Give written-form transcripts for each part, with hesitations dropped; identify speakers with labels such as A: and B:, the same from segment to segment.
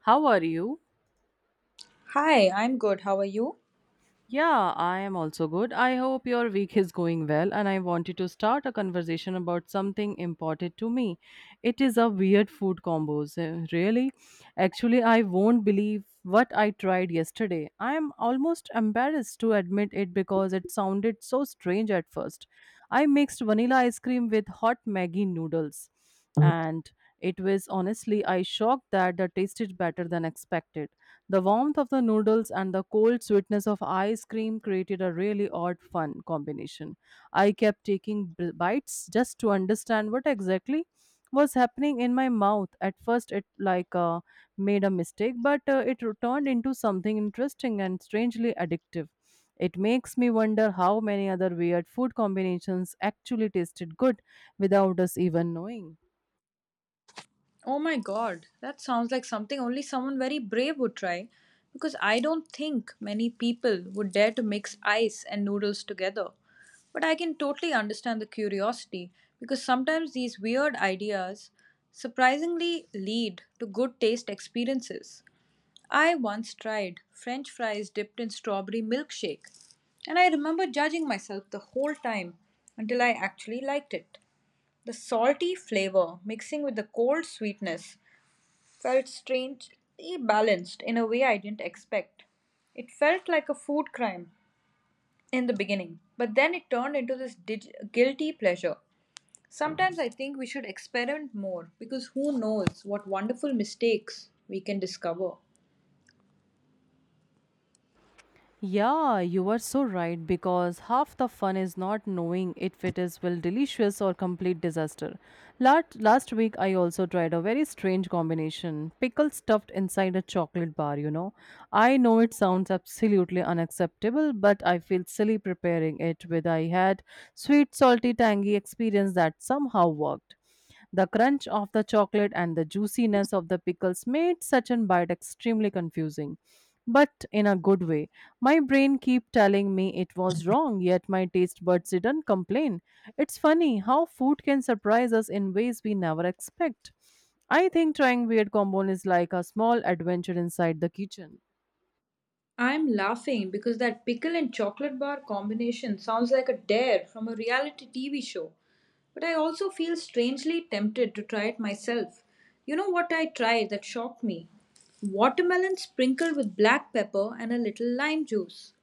A: How are you?
B: Hi, I'm good. How are you?
A: Yeah, I am also good. I hope your week is going well, and I wanted to start a conversation about something important to me. It is a weird food combos. Really? Actually, I won't believe what I tried yesterday. I am almost embarrassed to admit it because it sounded so strange at first. I mixed vanilla ice cream with hot Maggi noodles, and it was honestly, I shocked that the taste is better than expected. The warmth of the noodles and the cold sweetness of ice cream created a really odd fun combination. I kept taking bites just to understand what exactly was happening in my mouth. At first, it like made a mistake, but it turned into something interesting and strangely addictive. It makes me wonder how many other weird food combinations actually tasted good without us even knowing.
B: Oh my god, that sounds like something only someone very brave would try. Because I don't think many people would dare to mix ice and noodles together. But I can totally understand the curiosity because sometimes these weird ideas surprisingly lead to good taste experiences. I once tried french fries dipped in strawberry milkshake, and I remember judging myself the whole time until I actually liked it. The salty flavor mixing with the cold sweetness felt strangely balanced in a way I didn't expect. It felt like a food crime in the beginning, but then it turned into this guilty pleasure. Sometimes I think we should experiment more because who knows what wonderful mistakes we can discover.
A: Yeah, you are so right because half the fun is not knowing if it is well delicious or complete disaster. Last week I also tried a very strange combination pickle stuffed inside a chocolate bar. I know it sounds absolutely unacceptable, but I feel silly preparing it with I had sweet, salty, tangy experience that somehow worked. The crunch of the chocolate and the juiciness of the pickles made such an bite extremely confusing, but in a good way. My brain keep telling me it was wrong, yet my taste buds didn't complain. It's funny how food can surprise us in ways we never expect. I think trying weird combos is like a small adventure inside the kitchen.
B: I'm laughing because that pickle and chocolate bar combination sounds like a dare from a reality TV show. But I also feel strangely tempted to try it myself. You know what I tried that shocked me? Watermelon sprinkled with black pepper and a little lime juice.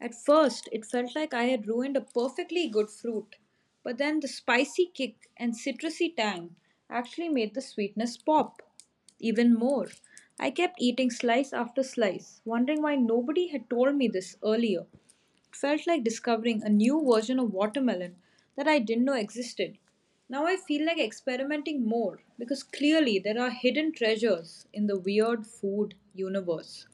B: At first, it felt like I had ruined a perfectly good fruit, but then the spicy kick and citrusy tang actually made the sweetness pop. Even more, I kept eating slice after slice, wondering why nobody had told me this earlier. It felt like discovering a new version of watermelon that I didn't know existed. Now I feel like experimenting more because clearly there are hidden treasures in the weird food universe.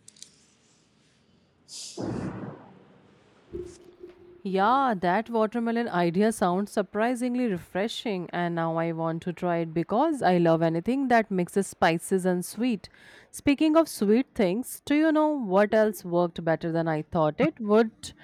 A: Yeah, that watermelon idea sounds surprisingly refreshing, and now I want to try it because I love anything that mixes spices and sweet. Speaking of sweet things, do you know what else worked better than I thought it would?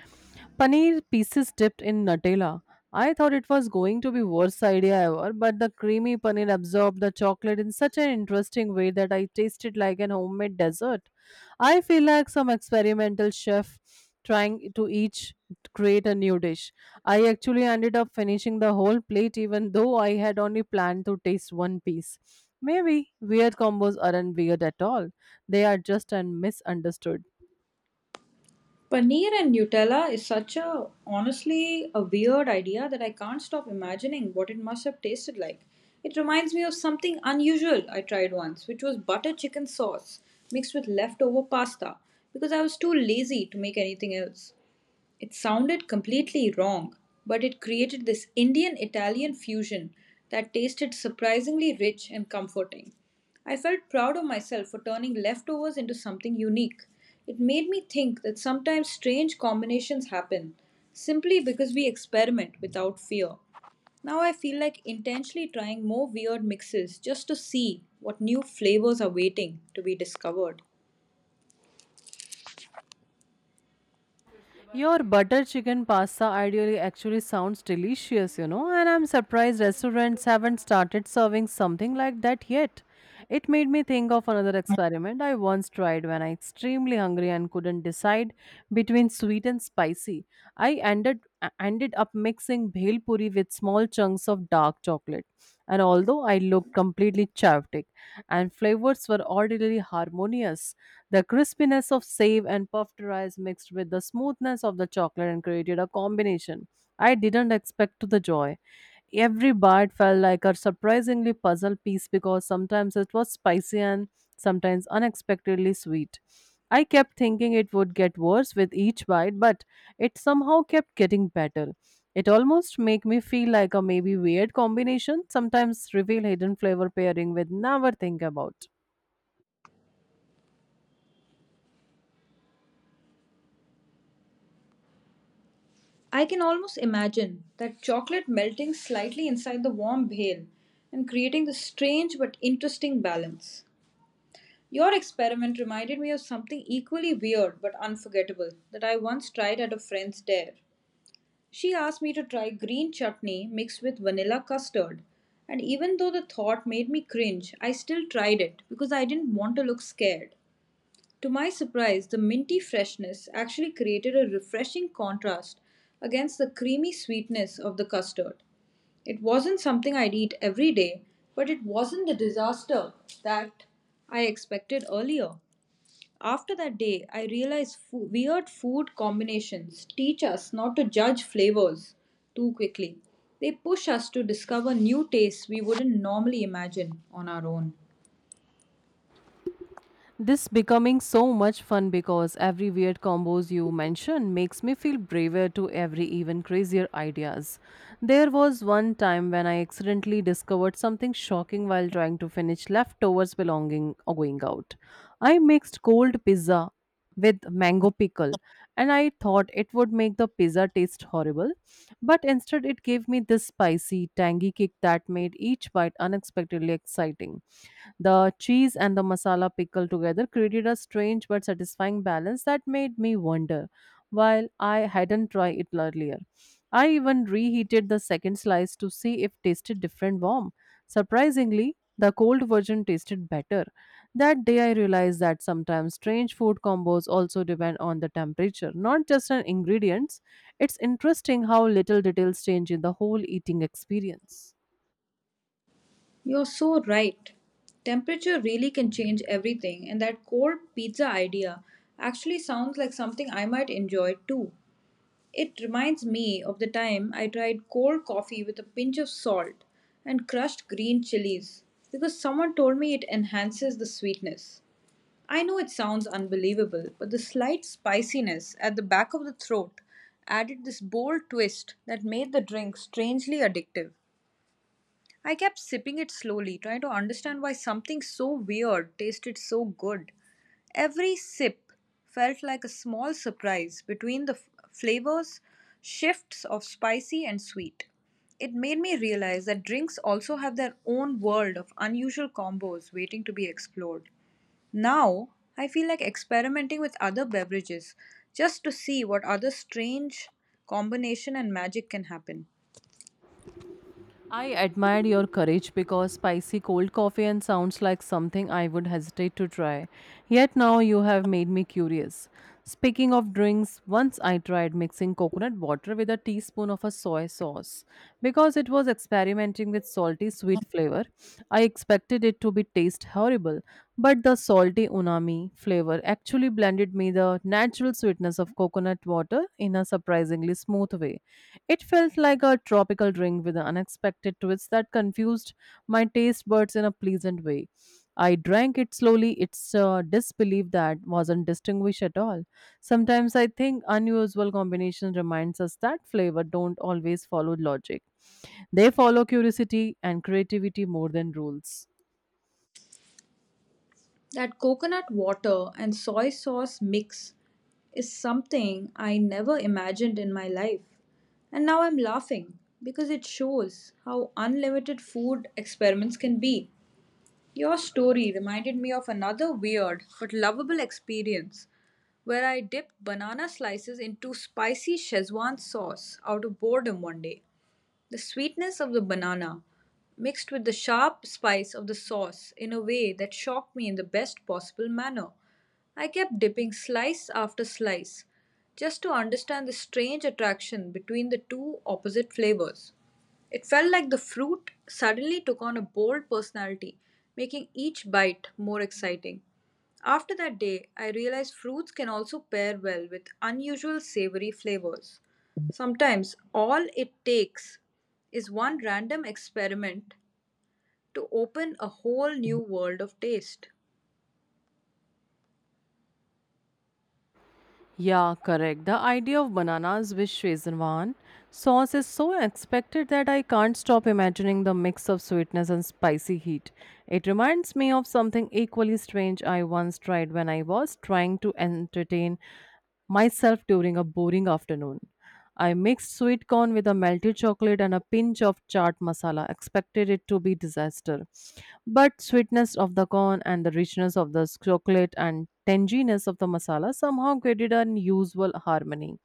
A: Paneer pieces dipped in Nutella. I thought it was going to be worst idea ever, but the creamy paneer absorbed the chocolate in such an interesting way that I tasted like an homemade dessert. I feel like some experimental chef trying to each create a new dish. I actually ended up finishing the whole plate even though I had only planned to taste one piece. Maybe weird combos aren't weird at all. They are just misunderstood.
B: Paneer and Nutella is such a honestly a weird idea that I can't stop imagining what it must have tasted like. It reminds me of something unusual I tried once, which was butter chicken sauce mixed with leftover pasta because I was too lazy to make anything else. It sounded completely wrong, but it created this Indian Italian fusion that tasted surprisingly rich and comforting. I felt proud of myself for turning leftovers into something unique. It made me think that sometimes strange combinations happen simply because we experiment without fear. Now I feel like intentionally trying more weird mixes just to see what new flavors are waiting to be discovered.
A: Your butter chicken pasta ideally actually sounds delicious, you know, and I'm surprised restaurants haven't started serving something like that yet. It made me think of another experiment I once tried when I extremely hungry and couldn't decide between sweet and spicy. I ended up mixing bhel puri with small chunks of dark chocolate. And although I looked completely chaotic and flavors were orderly harmonious, the crispiness of save and puffed rice mixed with the smoothness of the chocolate and created a combination I didn't expect to the joy. Every bite felt like a surprisingly puzzle piece because sometimes it was spicy and sometimes unexpectedly sweet. I kept thinking it would get worse with each bite, but it somehow kept getting better. It almost made me feel like a maybe weird combination, sometimes reveal hidden flavor pairing with never think about.
B: I can almost imagine that chocolate melting slightly inside the warm bhel and creating this strange but interesting balance. Your experiment reminded me of something equally weird but unforgettable that I once tried at a friend's dare. She asked me to try green chutney mixed with vanilla custard, and even though the thought made me cringe, I still tried it because I didn't want to look scared. To my surprise, the minty freshness actually created a refreshing contrast against the creamy sweetness of the custard. It wasn't something I'd eat every day, but it wasn't the disaster that I expected earlier. After that day, I realized weird food combinations teach us not to judge flavors too quickly. They push us to discover new tastes we wouldn't normally imagine on our own.
A: This becoming so much fun because every weird combos you mention makes me feel braver to every even crazier ideas. There was one time when I accidentally discovered something shocking while trying to finish leftovers belonging or going out. I mixed cold pizza with mango pickle and I thought it would make the pizza taste horrible, but instead it gave me this spicy, tangy kick that made each bite unexpectedly exciting. The cheese and the masala pickle together created a strange but satisfying balance that made me wonder while I hadn't tried it earlier. I even reheated the second slice to see if tasted different warm. Surprisingly, the cold version tasted better. That day I realized that sometimes strange food combos also depend on the temperature, not just on ingredients. It's interesting how little details change in the whole eating experience.
B: You're so right. Temperature really can change everything, and that cold pizza idea actually sounds like something I might enjoy too. It reminds me of the time I tried cold coffee with a pinch of salt and crushed green chilies because someone told me it enhances the sweetness. I know it sounds unbelievable, but the slight spiciness at the back of the throat added this bold twist that made the drink strangely addictive. I kept sipping it slowly, trying to understand why something so weird tasted so good. Every sip felt like a small surprise between the flavors, shifts of spicy and sweet. It made me realize that drinks also have their own world of unusual combos waiting to be explored. Now, I feel like experimenting with other beverages just to see what other strange combination and magic can happen.
A: I admired your courage because spicy cold coffee and sounds like something I would hesitate to try. Yet now you have made me curious. Speaking of drinks, once I tried mixing coconut water with a teaspoon of a soy sauce because it was experimenting with salty sweet flavors flavor. I expected it to be taste horrible, but the salty unami flavor actually blended me the natural sweetness of coconut water in a surprisingly smooth way. It felt like a tropical drink with an unexpected twist that confused my taste buds in a pleasant way. I drank it slowly, its disbelief that wasn't distinguished at all. Sometimes I think unusual combination reminds us that flavor don't always follow logic. They follow curiosity and creativity more than rules.
B: That coconut water and soy sauce mix is something I never imagined in my life. And now I'm laughing because it shows how unlimited food experiments can be. Your story reminded me of another weird but lovable experience where I dipped banana slices into spicy Szechuan sauce out of boredom one day. The sweetness of the banana mixed with the sharp spice of the sauce in a way that shocked me in the best possible manner. I kept dipping slice after slice just to understand the strange attraction between the two opposite flavors. It felt like the fruit suddenly took on a bold personality, making each bite more exciting. After that day, I realized fruits can also pair well with unusual savory flavors. Sometimes all it takes is one random experiment to open a whole new world of taste.
A: Yeah, correct. The idea of bananas with Schweizewan sauce is so unexpected that I can't stop imagining the mix of sweetness and spicy heat. It reminds me of something equally strange I once tried when I was trying to entertain myself during a boring afternoon. I mixed sweet corn with a melted chocolate and a pinch of chaat masala, expected it to be disaster. But sweetness of the corn and the richness of the chocolate and tanginess of the masala somehow created an unusual harmony.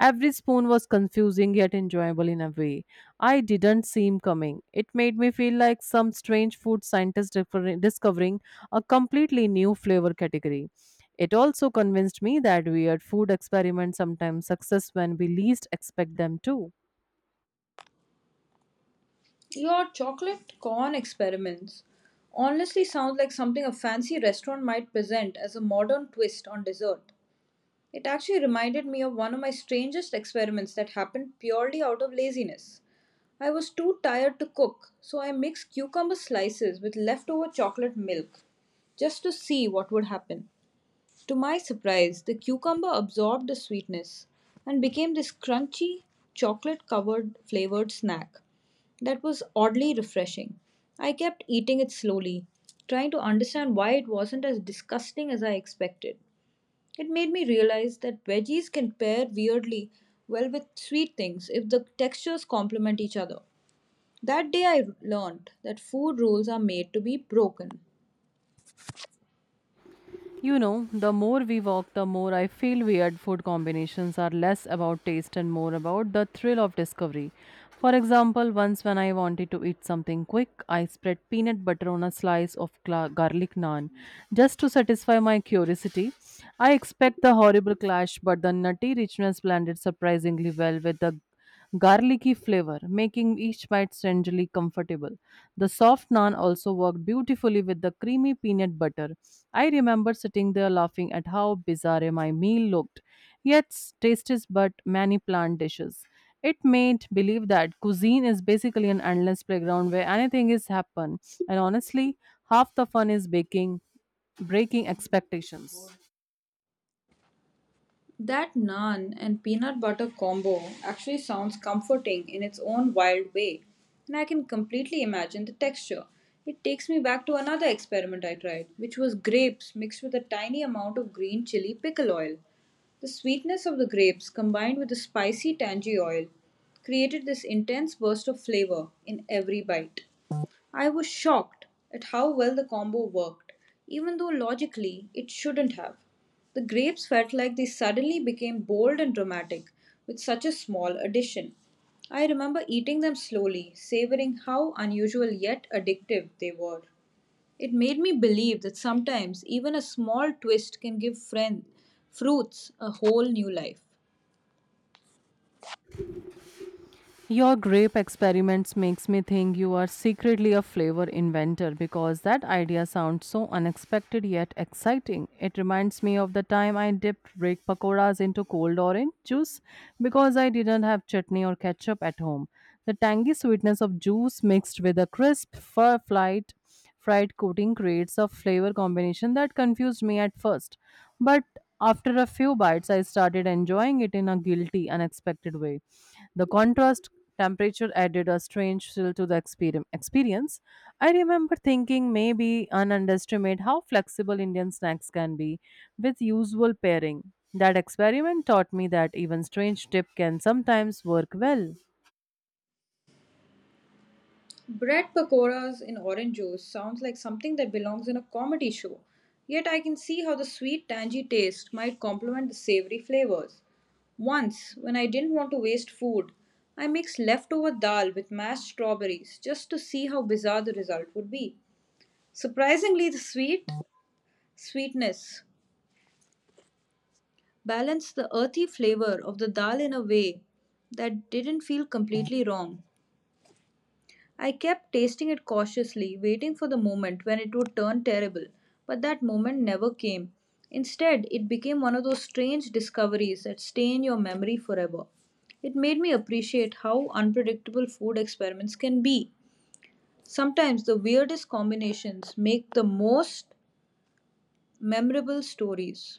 A: Every spoon was confusing yet enjoyable in a way I didn't seem coming. It made me feel like some strange food scientist discovering a completely new flavor category. It also convinced me that weird food experiments sometimes success when we least expect them to.
B: Your chocolate corn experiments honestly sounds like something a fancy restaurant might present as a modern twist on dessert. It actually reminded me of one of my strangest experiments that happened purely out of laziness. I was too tired to cook, so I mixed cucumber slices with leftover chocolate milk just to see what would happen. To my surprise, the cucumber absorbed the sweetness and became this crunchy, chocolate covered flavored snack that was oddly refreshing. I kept eating it slowly, trying to understand why it wasn't as disgusting as I expected. It made me realize that veggies can pair weirdly well with sweet things if the textures complement each other. That day I learned that food rules are made to be broken.
A: You know, the more we walk, the more I feel weird food combinations are less about taste and more about the thrill of discovery. For example, once when I wanted to eat something quick, I spread peanut butter on a slice of garlic naan just to satisfy my curiosity. I expect the horrible clash, but the nutty richness blended surprisingly well with the garlicky flavor, making each bite strangely comfortable. The soft naan also worked beautifully with the creamy peanut butter. I remember sitting there laughing at how bizarre my meal looked, yet tastes but many plant dishes. It made believe that cuisine is basically an endless playground where anything is happen, and honestly, half the fun is baking, breaking expectations.
B: That naan and peanut butter combo actually sounds comforting in its own wild way, and I can completely imagine the texture. It takes me back to another experiment I tried, which was grapes mixed with a tiny amount of green chili pickle oil. The sweetness of the grapes combined with the spicy tangy oil created this intense burst of flavor in every bite. I was shocked at how well the combo worked, even though logically it shouldn't have. The grapes felt like they suddenly became bold and dramatic with such a small addition. I remember eating them slowly, savoring how unusual yet addictive they were. It made me believe that sometimes even a small twist can give friend fruits a whole new life.
A: Your grape experiments makes me think you are secretly a flavor inventor because that idea sounds so unexpected yet exciting. It reminds me of the time I dipped break pakoras into cold orange juice because I didn't have chutney or ketchup at home. The tangy sweetness of juice mixed with a crisp fur flight fried coating creates a flavor combination that confused me at first. But after a few bites I started enjoying it in a guilty, unexpected way. The contrast temperature added a strange thrill to the experience. I remember thinking maybe an underestimate how flexible Indian snacks can be with usual pairing. That experiment taught me that even strange dip can sometimes work well.
B: Bread pakoras in orange juice sounds like something that belongs in a comedy show. Yet I can see how the sweet tangy taste might complement the savory flavors. Once, when I didn't want to waste food, I mixed leftover dal with mashed strawberries just to see how bizarre the result would be. Surprisingly, the sweet sweetness balance the earthy flavor of the dal in a way that didn't feel completely wrong. I kept tasting it cautiously, waiting for the moment when it would turn terrible, but that moment never came. Instead, it became one of those strange discoveries that stain your memory forever. It made me appreciate how unpredictable food experiments can be. Sometimes the weirdest combinations make the most memorable stories.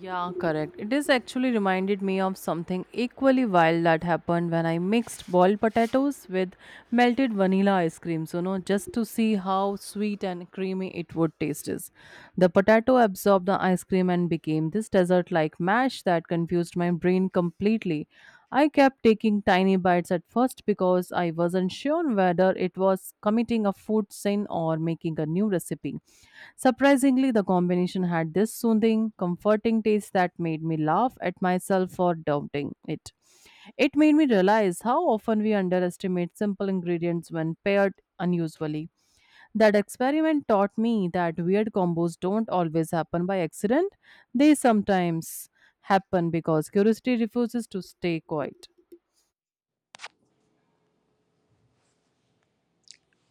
A: Yeah, correct. It is actually reminded me of something equally wild that happened when I mixed boiled potatoes with melted vanilla ice cream. So, no, just to see how sweet and creamy it would taste is. The potato absorbed the ice cream and became this dessert like mash that confused my brain completely. I kept taking tiny bites at first because I wasn't sure whether it was committing a food sin or making a new recipe. Surprisingly, the combination had this soothing, comforting taste that made me laugh at myself for doubting it. It made me realize how often we underestimate simple ingredients when paired unusually. That experiment taught me that weird combos don't always happen by accident, they sometimes happen because curiosity refuses to stay quiet.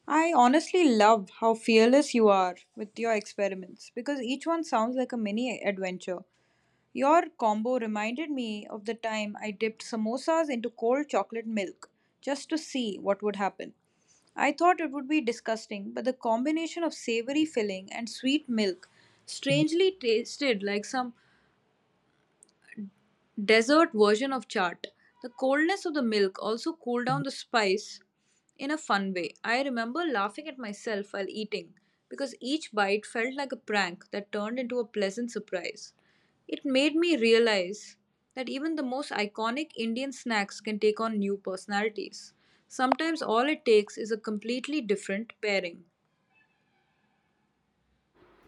B: I honestly love how fearless you are with your experiments because each one sounds like a mini adventure. Your combo reminded me of the time I dipped samosas into cold chocolate milk just to see what would happen. I thought it would be disgusting, but the combination of savory filling and sweet milk strangely tasted like some dessert version of chaat. The coldness of the milk also cooled down the spice in a fun way. I remember laughing at myself while eating because each bite felt like a prank that turned into a pleasant surprise. It made me realize that even the most iconic Indian snacks can take on new personalities. Sometimes all it takes is a completely different pairing.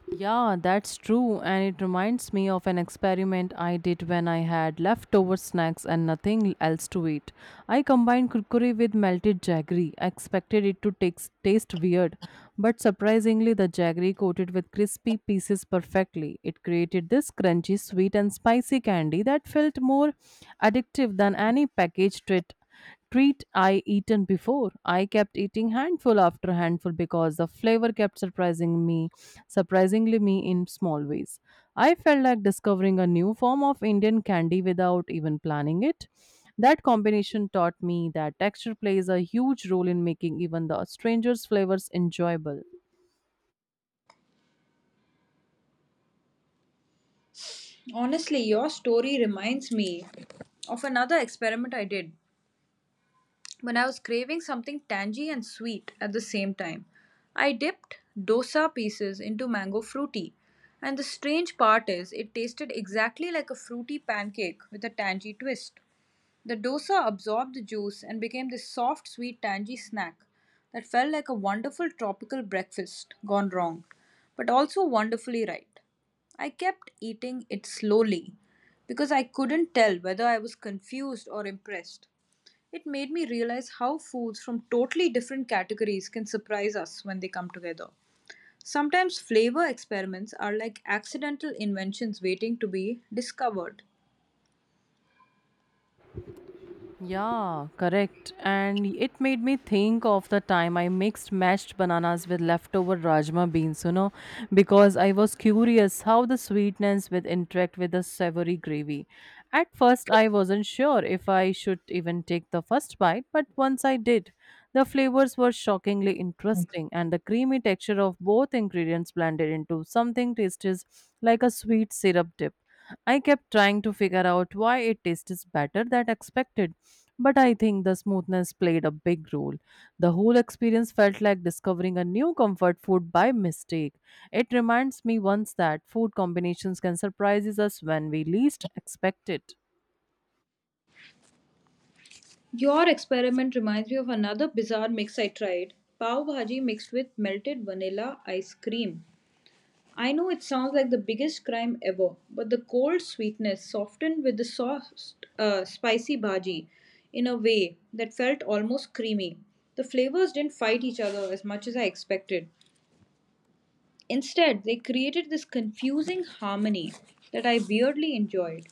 A: Yeah, that's true, and it reminds me of an experiment I did when I had leftover snacks and nothing else to eat. I combined kurkure with melted jaggery. I expected it to taste weird, but surprisingly, the jaggery coated with crispy pieces perfectly. It created this crunchy, sweet, and spicy candy that felt more addictive than any packaged treat I eaten before. I kept eating handful after handful because the flavor kept surprising me, surprisingly me in small ways. I felt like discovering a new form of Indian candy without even planning it. That combination taught me that texture plays a huge role in making even the strangest flavors enjoyable.
B: Honestly, your story reminds me of another experiment I did when I was craving something tangy and sweet at the same time. I dipped dosa pieces into mango fruity, and the strange part is it tasted exactly like a fruity pancake with a tangy twist. The dosa absorbed the juice and became this soft, sweet, tangy snack that felt like a wonderful tropical breakfast gone wrong, but also wonderfully right. I kept eating it slowly because I couldn't tell whether I was confused or impressed. It made me realize how foods from totally different categories can surprise us when they come together. Sometimes flavor experiments are like accidental inventions waiting to be discovered.
A: Yeah, correct. And it made me think of the time I mixed mashed bananas with leftover rajma beans, because I was curious how the sweetness would interact with the savory gravy. At first, I wasn't sure if I should even take the first bite, but once I did, the flavors were shockingly interesting, and the creamy texture of both ingredients blended into something tastes like a sweet syrup dip. I kept trying to figure out why it tastes better than expected, but I think the smoothness played a big role. The whole experience felt like discovering a new comfort food by mistake. It reminds me once that food combinations can surprise us when we least expect it.
B: Your experiment reminds me of another bizarre mix I tried pav bhaji mixed with melted vanilla ice cream. I know it sounds like the biggest crime ever, but the cold sweetness softened with the soft, spicy bhaji in a way that felt almost creamy. The flavors didn't fight each other as much as I expected. Instead, they created this confusing harmony that I weirdly enjoyed.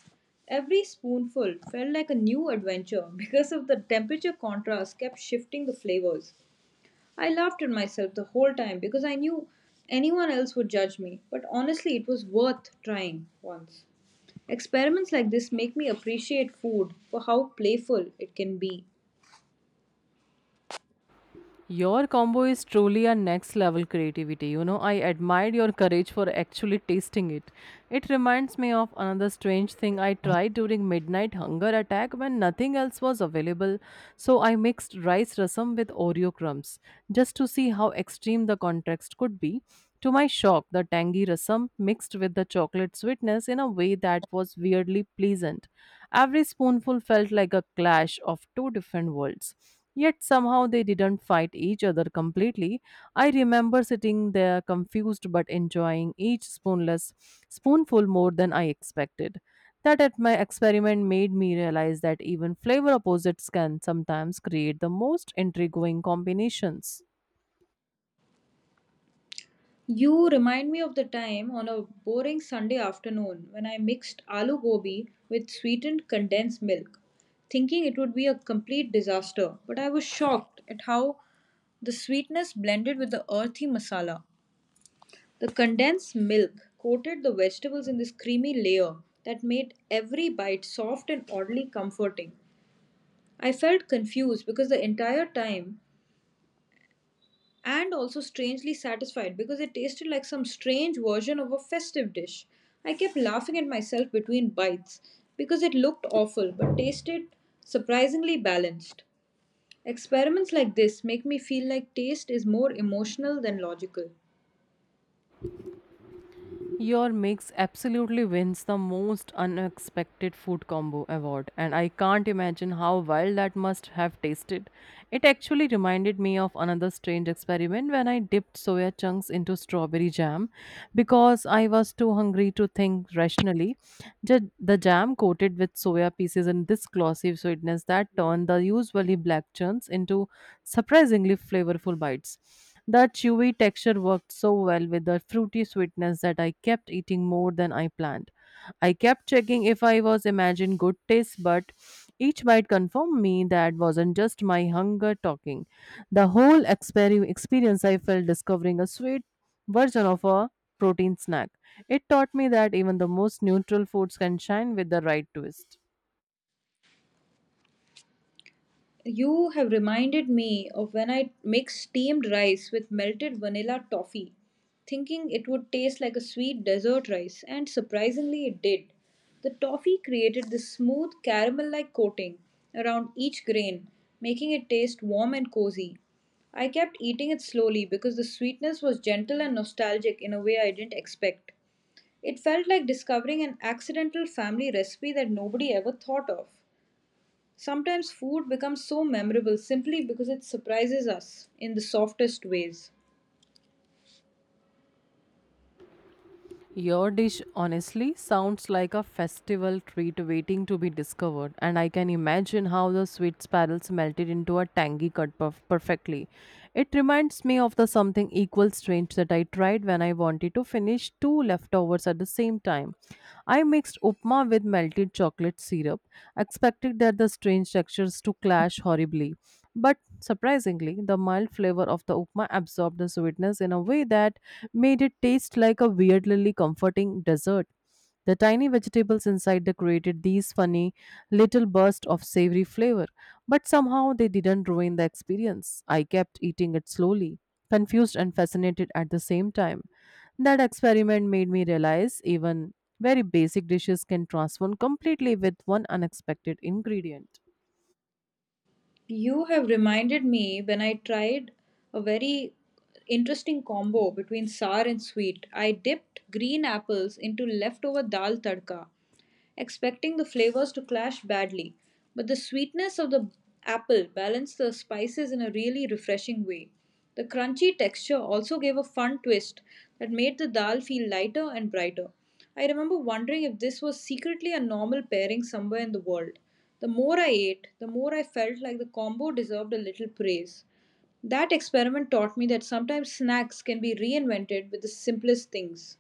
B: Every spoonful felt like a new adventure because of the temperature contrast kept shifting the flavors. I laughed at myself the whole time because I knew anyone else would judge me, but honestly, it was worth trying once. Experiments like this make me appreciate food for how playful it can be.
A: Your combo is truly a next level creativity. I admired your courage for actually tasting it. It reminds me of another strange thing I tried during midnight hunger attack when nothing else was available. So I mixed rice rasam with Oreo crumbs just to see how extreme the contrast could be. To my shock, the tangy rasam mixed with the chocolate sweetness in a way that was weirdly pleasant. Every spoonful felt like a clash of two different worlds. Yet somehow they didn't fight each other completely. I remember sitting there confused but enjoying each spoonless spoonful more than I expected. That at my experiment made me realize that even flavor opposites can sometimes create the most intriguing combinations.
B: You remind me of the time on a boring Sunday afternoon when I mixed aloo gobi with sweetened condensed milk, thinking it would be a complete disaster, but I was shocked at how the sweetness blended with the earthy masala. The condensed milk coated the vegetables in this creamy layer that made every bite soft and oddly comforting. I felt confused because the entire time and also strangely satisfied because it tasted like some strange version of a festive dish. I kept laughing at myself between bites because it looked awful but tasted surprisingly balanced. Experiments like this make me feel like taste is more emotional than logical.
A: Your mix absolutely wins the most unexpected food combo award, and I can't imagine how wild that must have tasted. It actually reminded me of another strange experiment when I dipped soya chunks into strawberry jam because I was too hungry to think rationally. The jam coated with soya pieces and this glossy sweetness that turned the usually black chunks into surprisingly flavorful bites. That chewy texture worked so well with the fruity sweetness that I kept eating more than I planned. I kept checking if I was imagining good taste, but each bite confirmed me that wasn't just my hunger talking. The whole experience I felt discovering a sweet version of a protein snack. It taught me that even the most neutral foods can shine with the right twist.
B: You have reminded me of when I mixed steamed rice with melted vanilla toffee, thinking it would taste like a sweet dessert rice, and surprisingly, it did. The toffee created this smooth caramel like coating around each grain, making it taste warm and cozy. I kept eating it slowly because the sweetness was gentle and nostalgic in a way I didn't expect. It felt like discovering an accidental family recipe that nobody ever thought of. Sometimes food becomes so memorable simply because it surprises us in the softest ways.
A: Your dish honestly sounds like a festival treat waiting to be discovered, and I can imagine how the sweet sparrows melted into a tangy curd puff perfectly. It reminds me of the something equal strange that I tried when I wanted to finish two leftovers at the same time. I mixed upma with melted chocolate syrup, expecting that the strange textures to clash horribly. But surprisingly, the mild flavor of the upma absorbed the sweetness in a way that made it taste like a weirdly comforting dessert. The tiny vegetables inside the created these funny little bursts of savory flavor, but somehow they didn't ruin the experience. I kept eating it slowly, confused and fascinated at the same time. That experiment made me realize even very basic dishes can transform completely with one unexpected ingredient.
B: You have reminded me when I tried a very interesting combo between sour and sweet. I dipped green apples into leftover dal tadka, expecting the flavors to clash badly, but the sweetness of the apple balanced the spices in a really refreshing way. The crunchy texture also gave a fun twist that made the dal feel lighter and brighter. I remember wondering if this was secretly a normal pairing somewhere in the world. The more I ate, the more I felt like the combo deserved a little praise. That experiment taught me that sometimes snacks can be reinvented with the simplest things.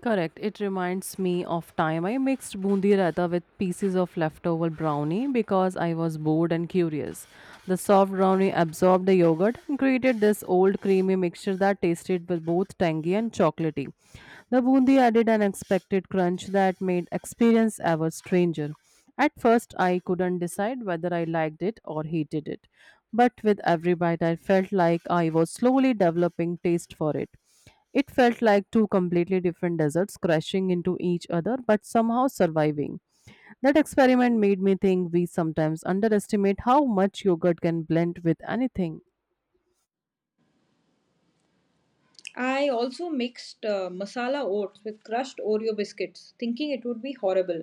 A: Correct. It reminds me of time I mixed bundi raita with pieces of leftover brownie because I was bored and curious. The soft brownie absorbed the yogurt and created this old creamy mixture that tasted with both tangy and chocolatey. The bundi added an expected crunch that made experience ever stranger. At first, I couldn't decide whether I liked it or hated it, but with every bite, I felt like I was slowly developing taste for it. It felt like two completely different deserts crashing into each other but somehow surviving. That experiment made me think we sometimes underestimate how much yogurt can blend with anything.
B: I also mixed masala oats with crushed Oreo biscuits, thinking it would be horrible.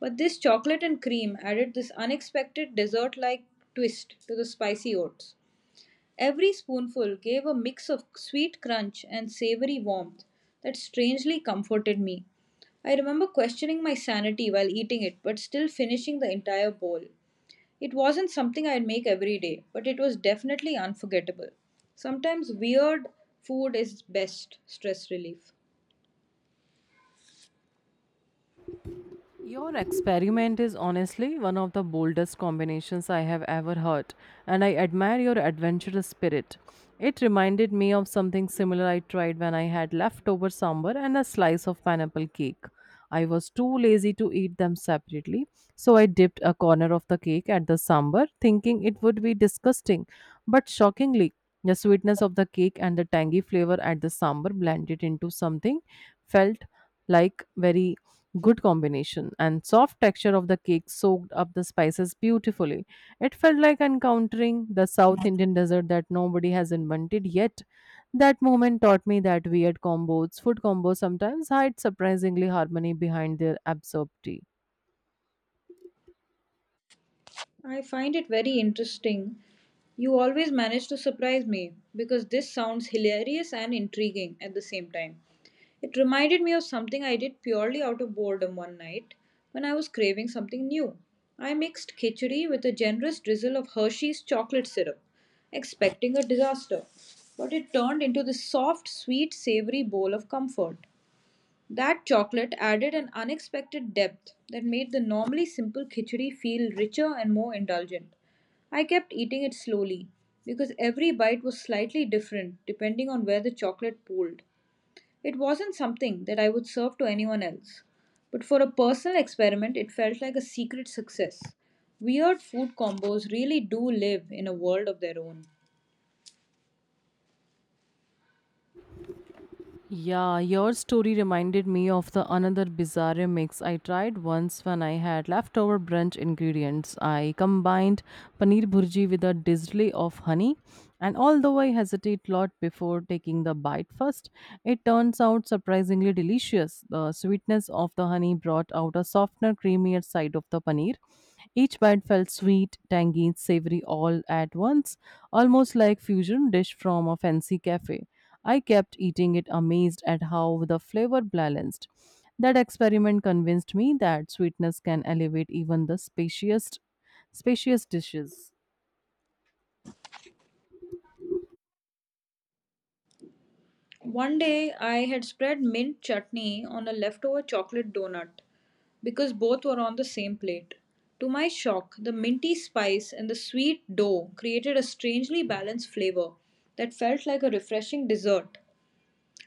B: But this chocolate and cream added this unexpected dessert like twist to the spicy oats. Every spoonful gave a mix of sweet crunch and savory warmth that strangely comforted me. I remember questioning my sanity while eating it, but still finishing the entire bowl. It wasn't something I'd make every day, but it was definitely unforgettable. Sometimes weird food is best stress relief.
A: Your experiment is honestly one of the boldest combinations I have ever heard, and I admire your adventurous spirit. It reminded me of something similar I tried when I had leftover sambar and a slice of pineapple cake. I was too lazy to eat them separately, so I dipped a corner of the cake at the sambar, thinking it would be disgusting. But shockingly, the sweetness of the cake and the tangy flavor at the sambar blended into something felt like very good combination, and soft texture of the cake soaked up the spices beautifully. It felt like encountering the South Indian dessert that nobody has invented yet. That moment taught me that weird combos, food combos, sometimes hide surprisingly harmony behind their absurdity.
B: I find it very interesting. You always manage to surprise me because this sounds hilarious and intriguing at the same time. It reminded me of something I did purely out of boredom one night when I was craving something new. I mixed khichdi with a generous drizzle of Hershey's chocolate syrup, expecting a disaster, but it turned into this soft, sweet, savory bowl of comfort. That chocolate added an unexpected depth that made the normally simple khichdi feel richer and more indulgent. I kept eating it slowly because every bite was slightly different depending on where the chocolate pooled. It wasn't something that I would serve to anyone else, but for a personal experiment, it felt like a secret success. Weird food combos really do live in a world of their own.
A: Yeah, your story reminded me of the another bizarre mix I tried once when I had leftover brunch ingredients. I combined paneer bhurji with a drizzle of honey, and although I hesitate a lot before taking the bite first, it turns out surprisingly delicious. The sweetness of the honey brought out a softer, creamier side of the paneer. Each bite felt sweet, tangy, savory all at once, almost like fusion dish from a fancy cafe. I kept eating it, amazed at how the flavor balanced. That experiment convinced me that sweetness can elevate even the spacious, spacious dishes.
B: One day I had spread mint chutney on a leftover chocolate donut because both were on the same plate. To my shock, the minty spice and the sweet dough created a strangely balanced flavor that felt like a refreshing dessert.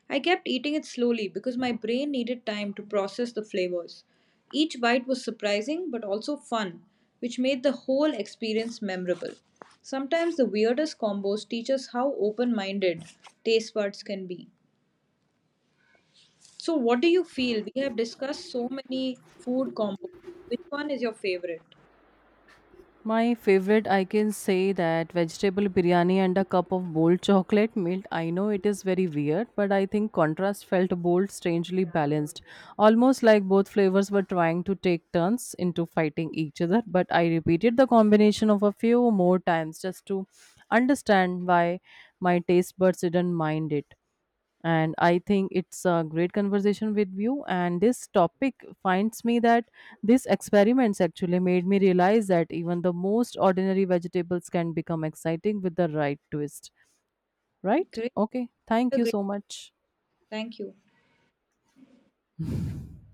B: I kept eating it slowly because my brain needed time to process the flavors. Each bite was surprising but also fun, which made the whole experience memorable. Sometimes the weirdest combos teach us how open minded taste buds can be. So, what do you feel? We have discussed so many food combos. Which one is your favorite?
A: My favorite, I can say that vegetable biryani and a cup of bold chocolate milk. I know it is very weird, but I think contrast felt bold, strangely balanced. Almost like both flavors were trying to take turns into fighting each other, but I repeated the combination of a few more times just to understand why my taste buds didn't mind it. And I think it's a great conversation with you, and this topic finds me that these experiments actually made me realize that even the most ordinary vegetables can become exciting with the right twist. Right.
B: Great,
A: Okay, thank you
B: great.
A: so much.
B: Thank you.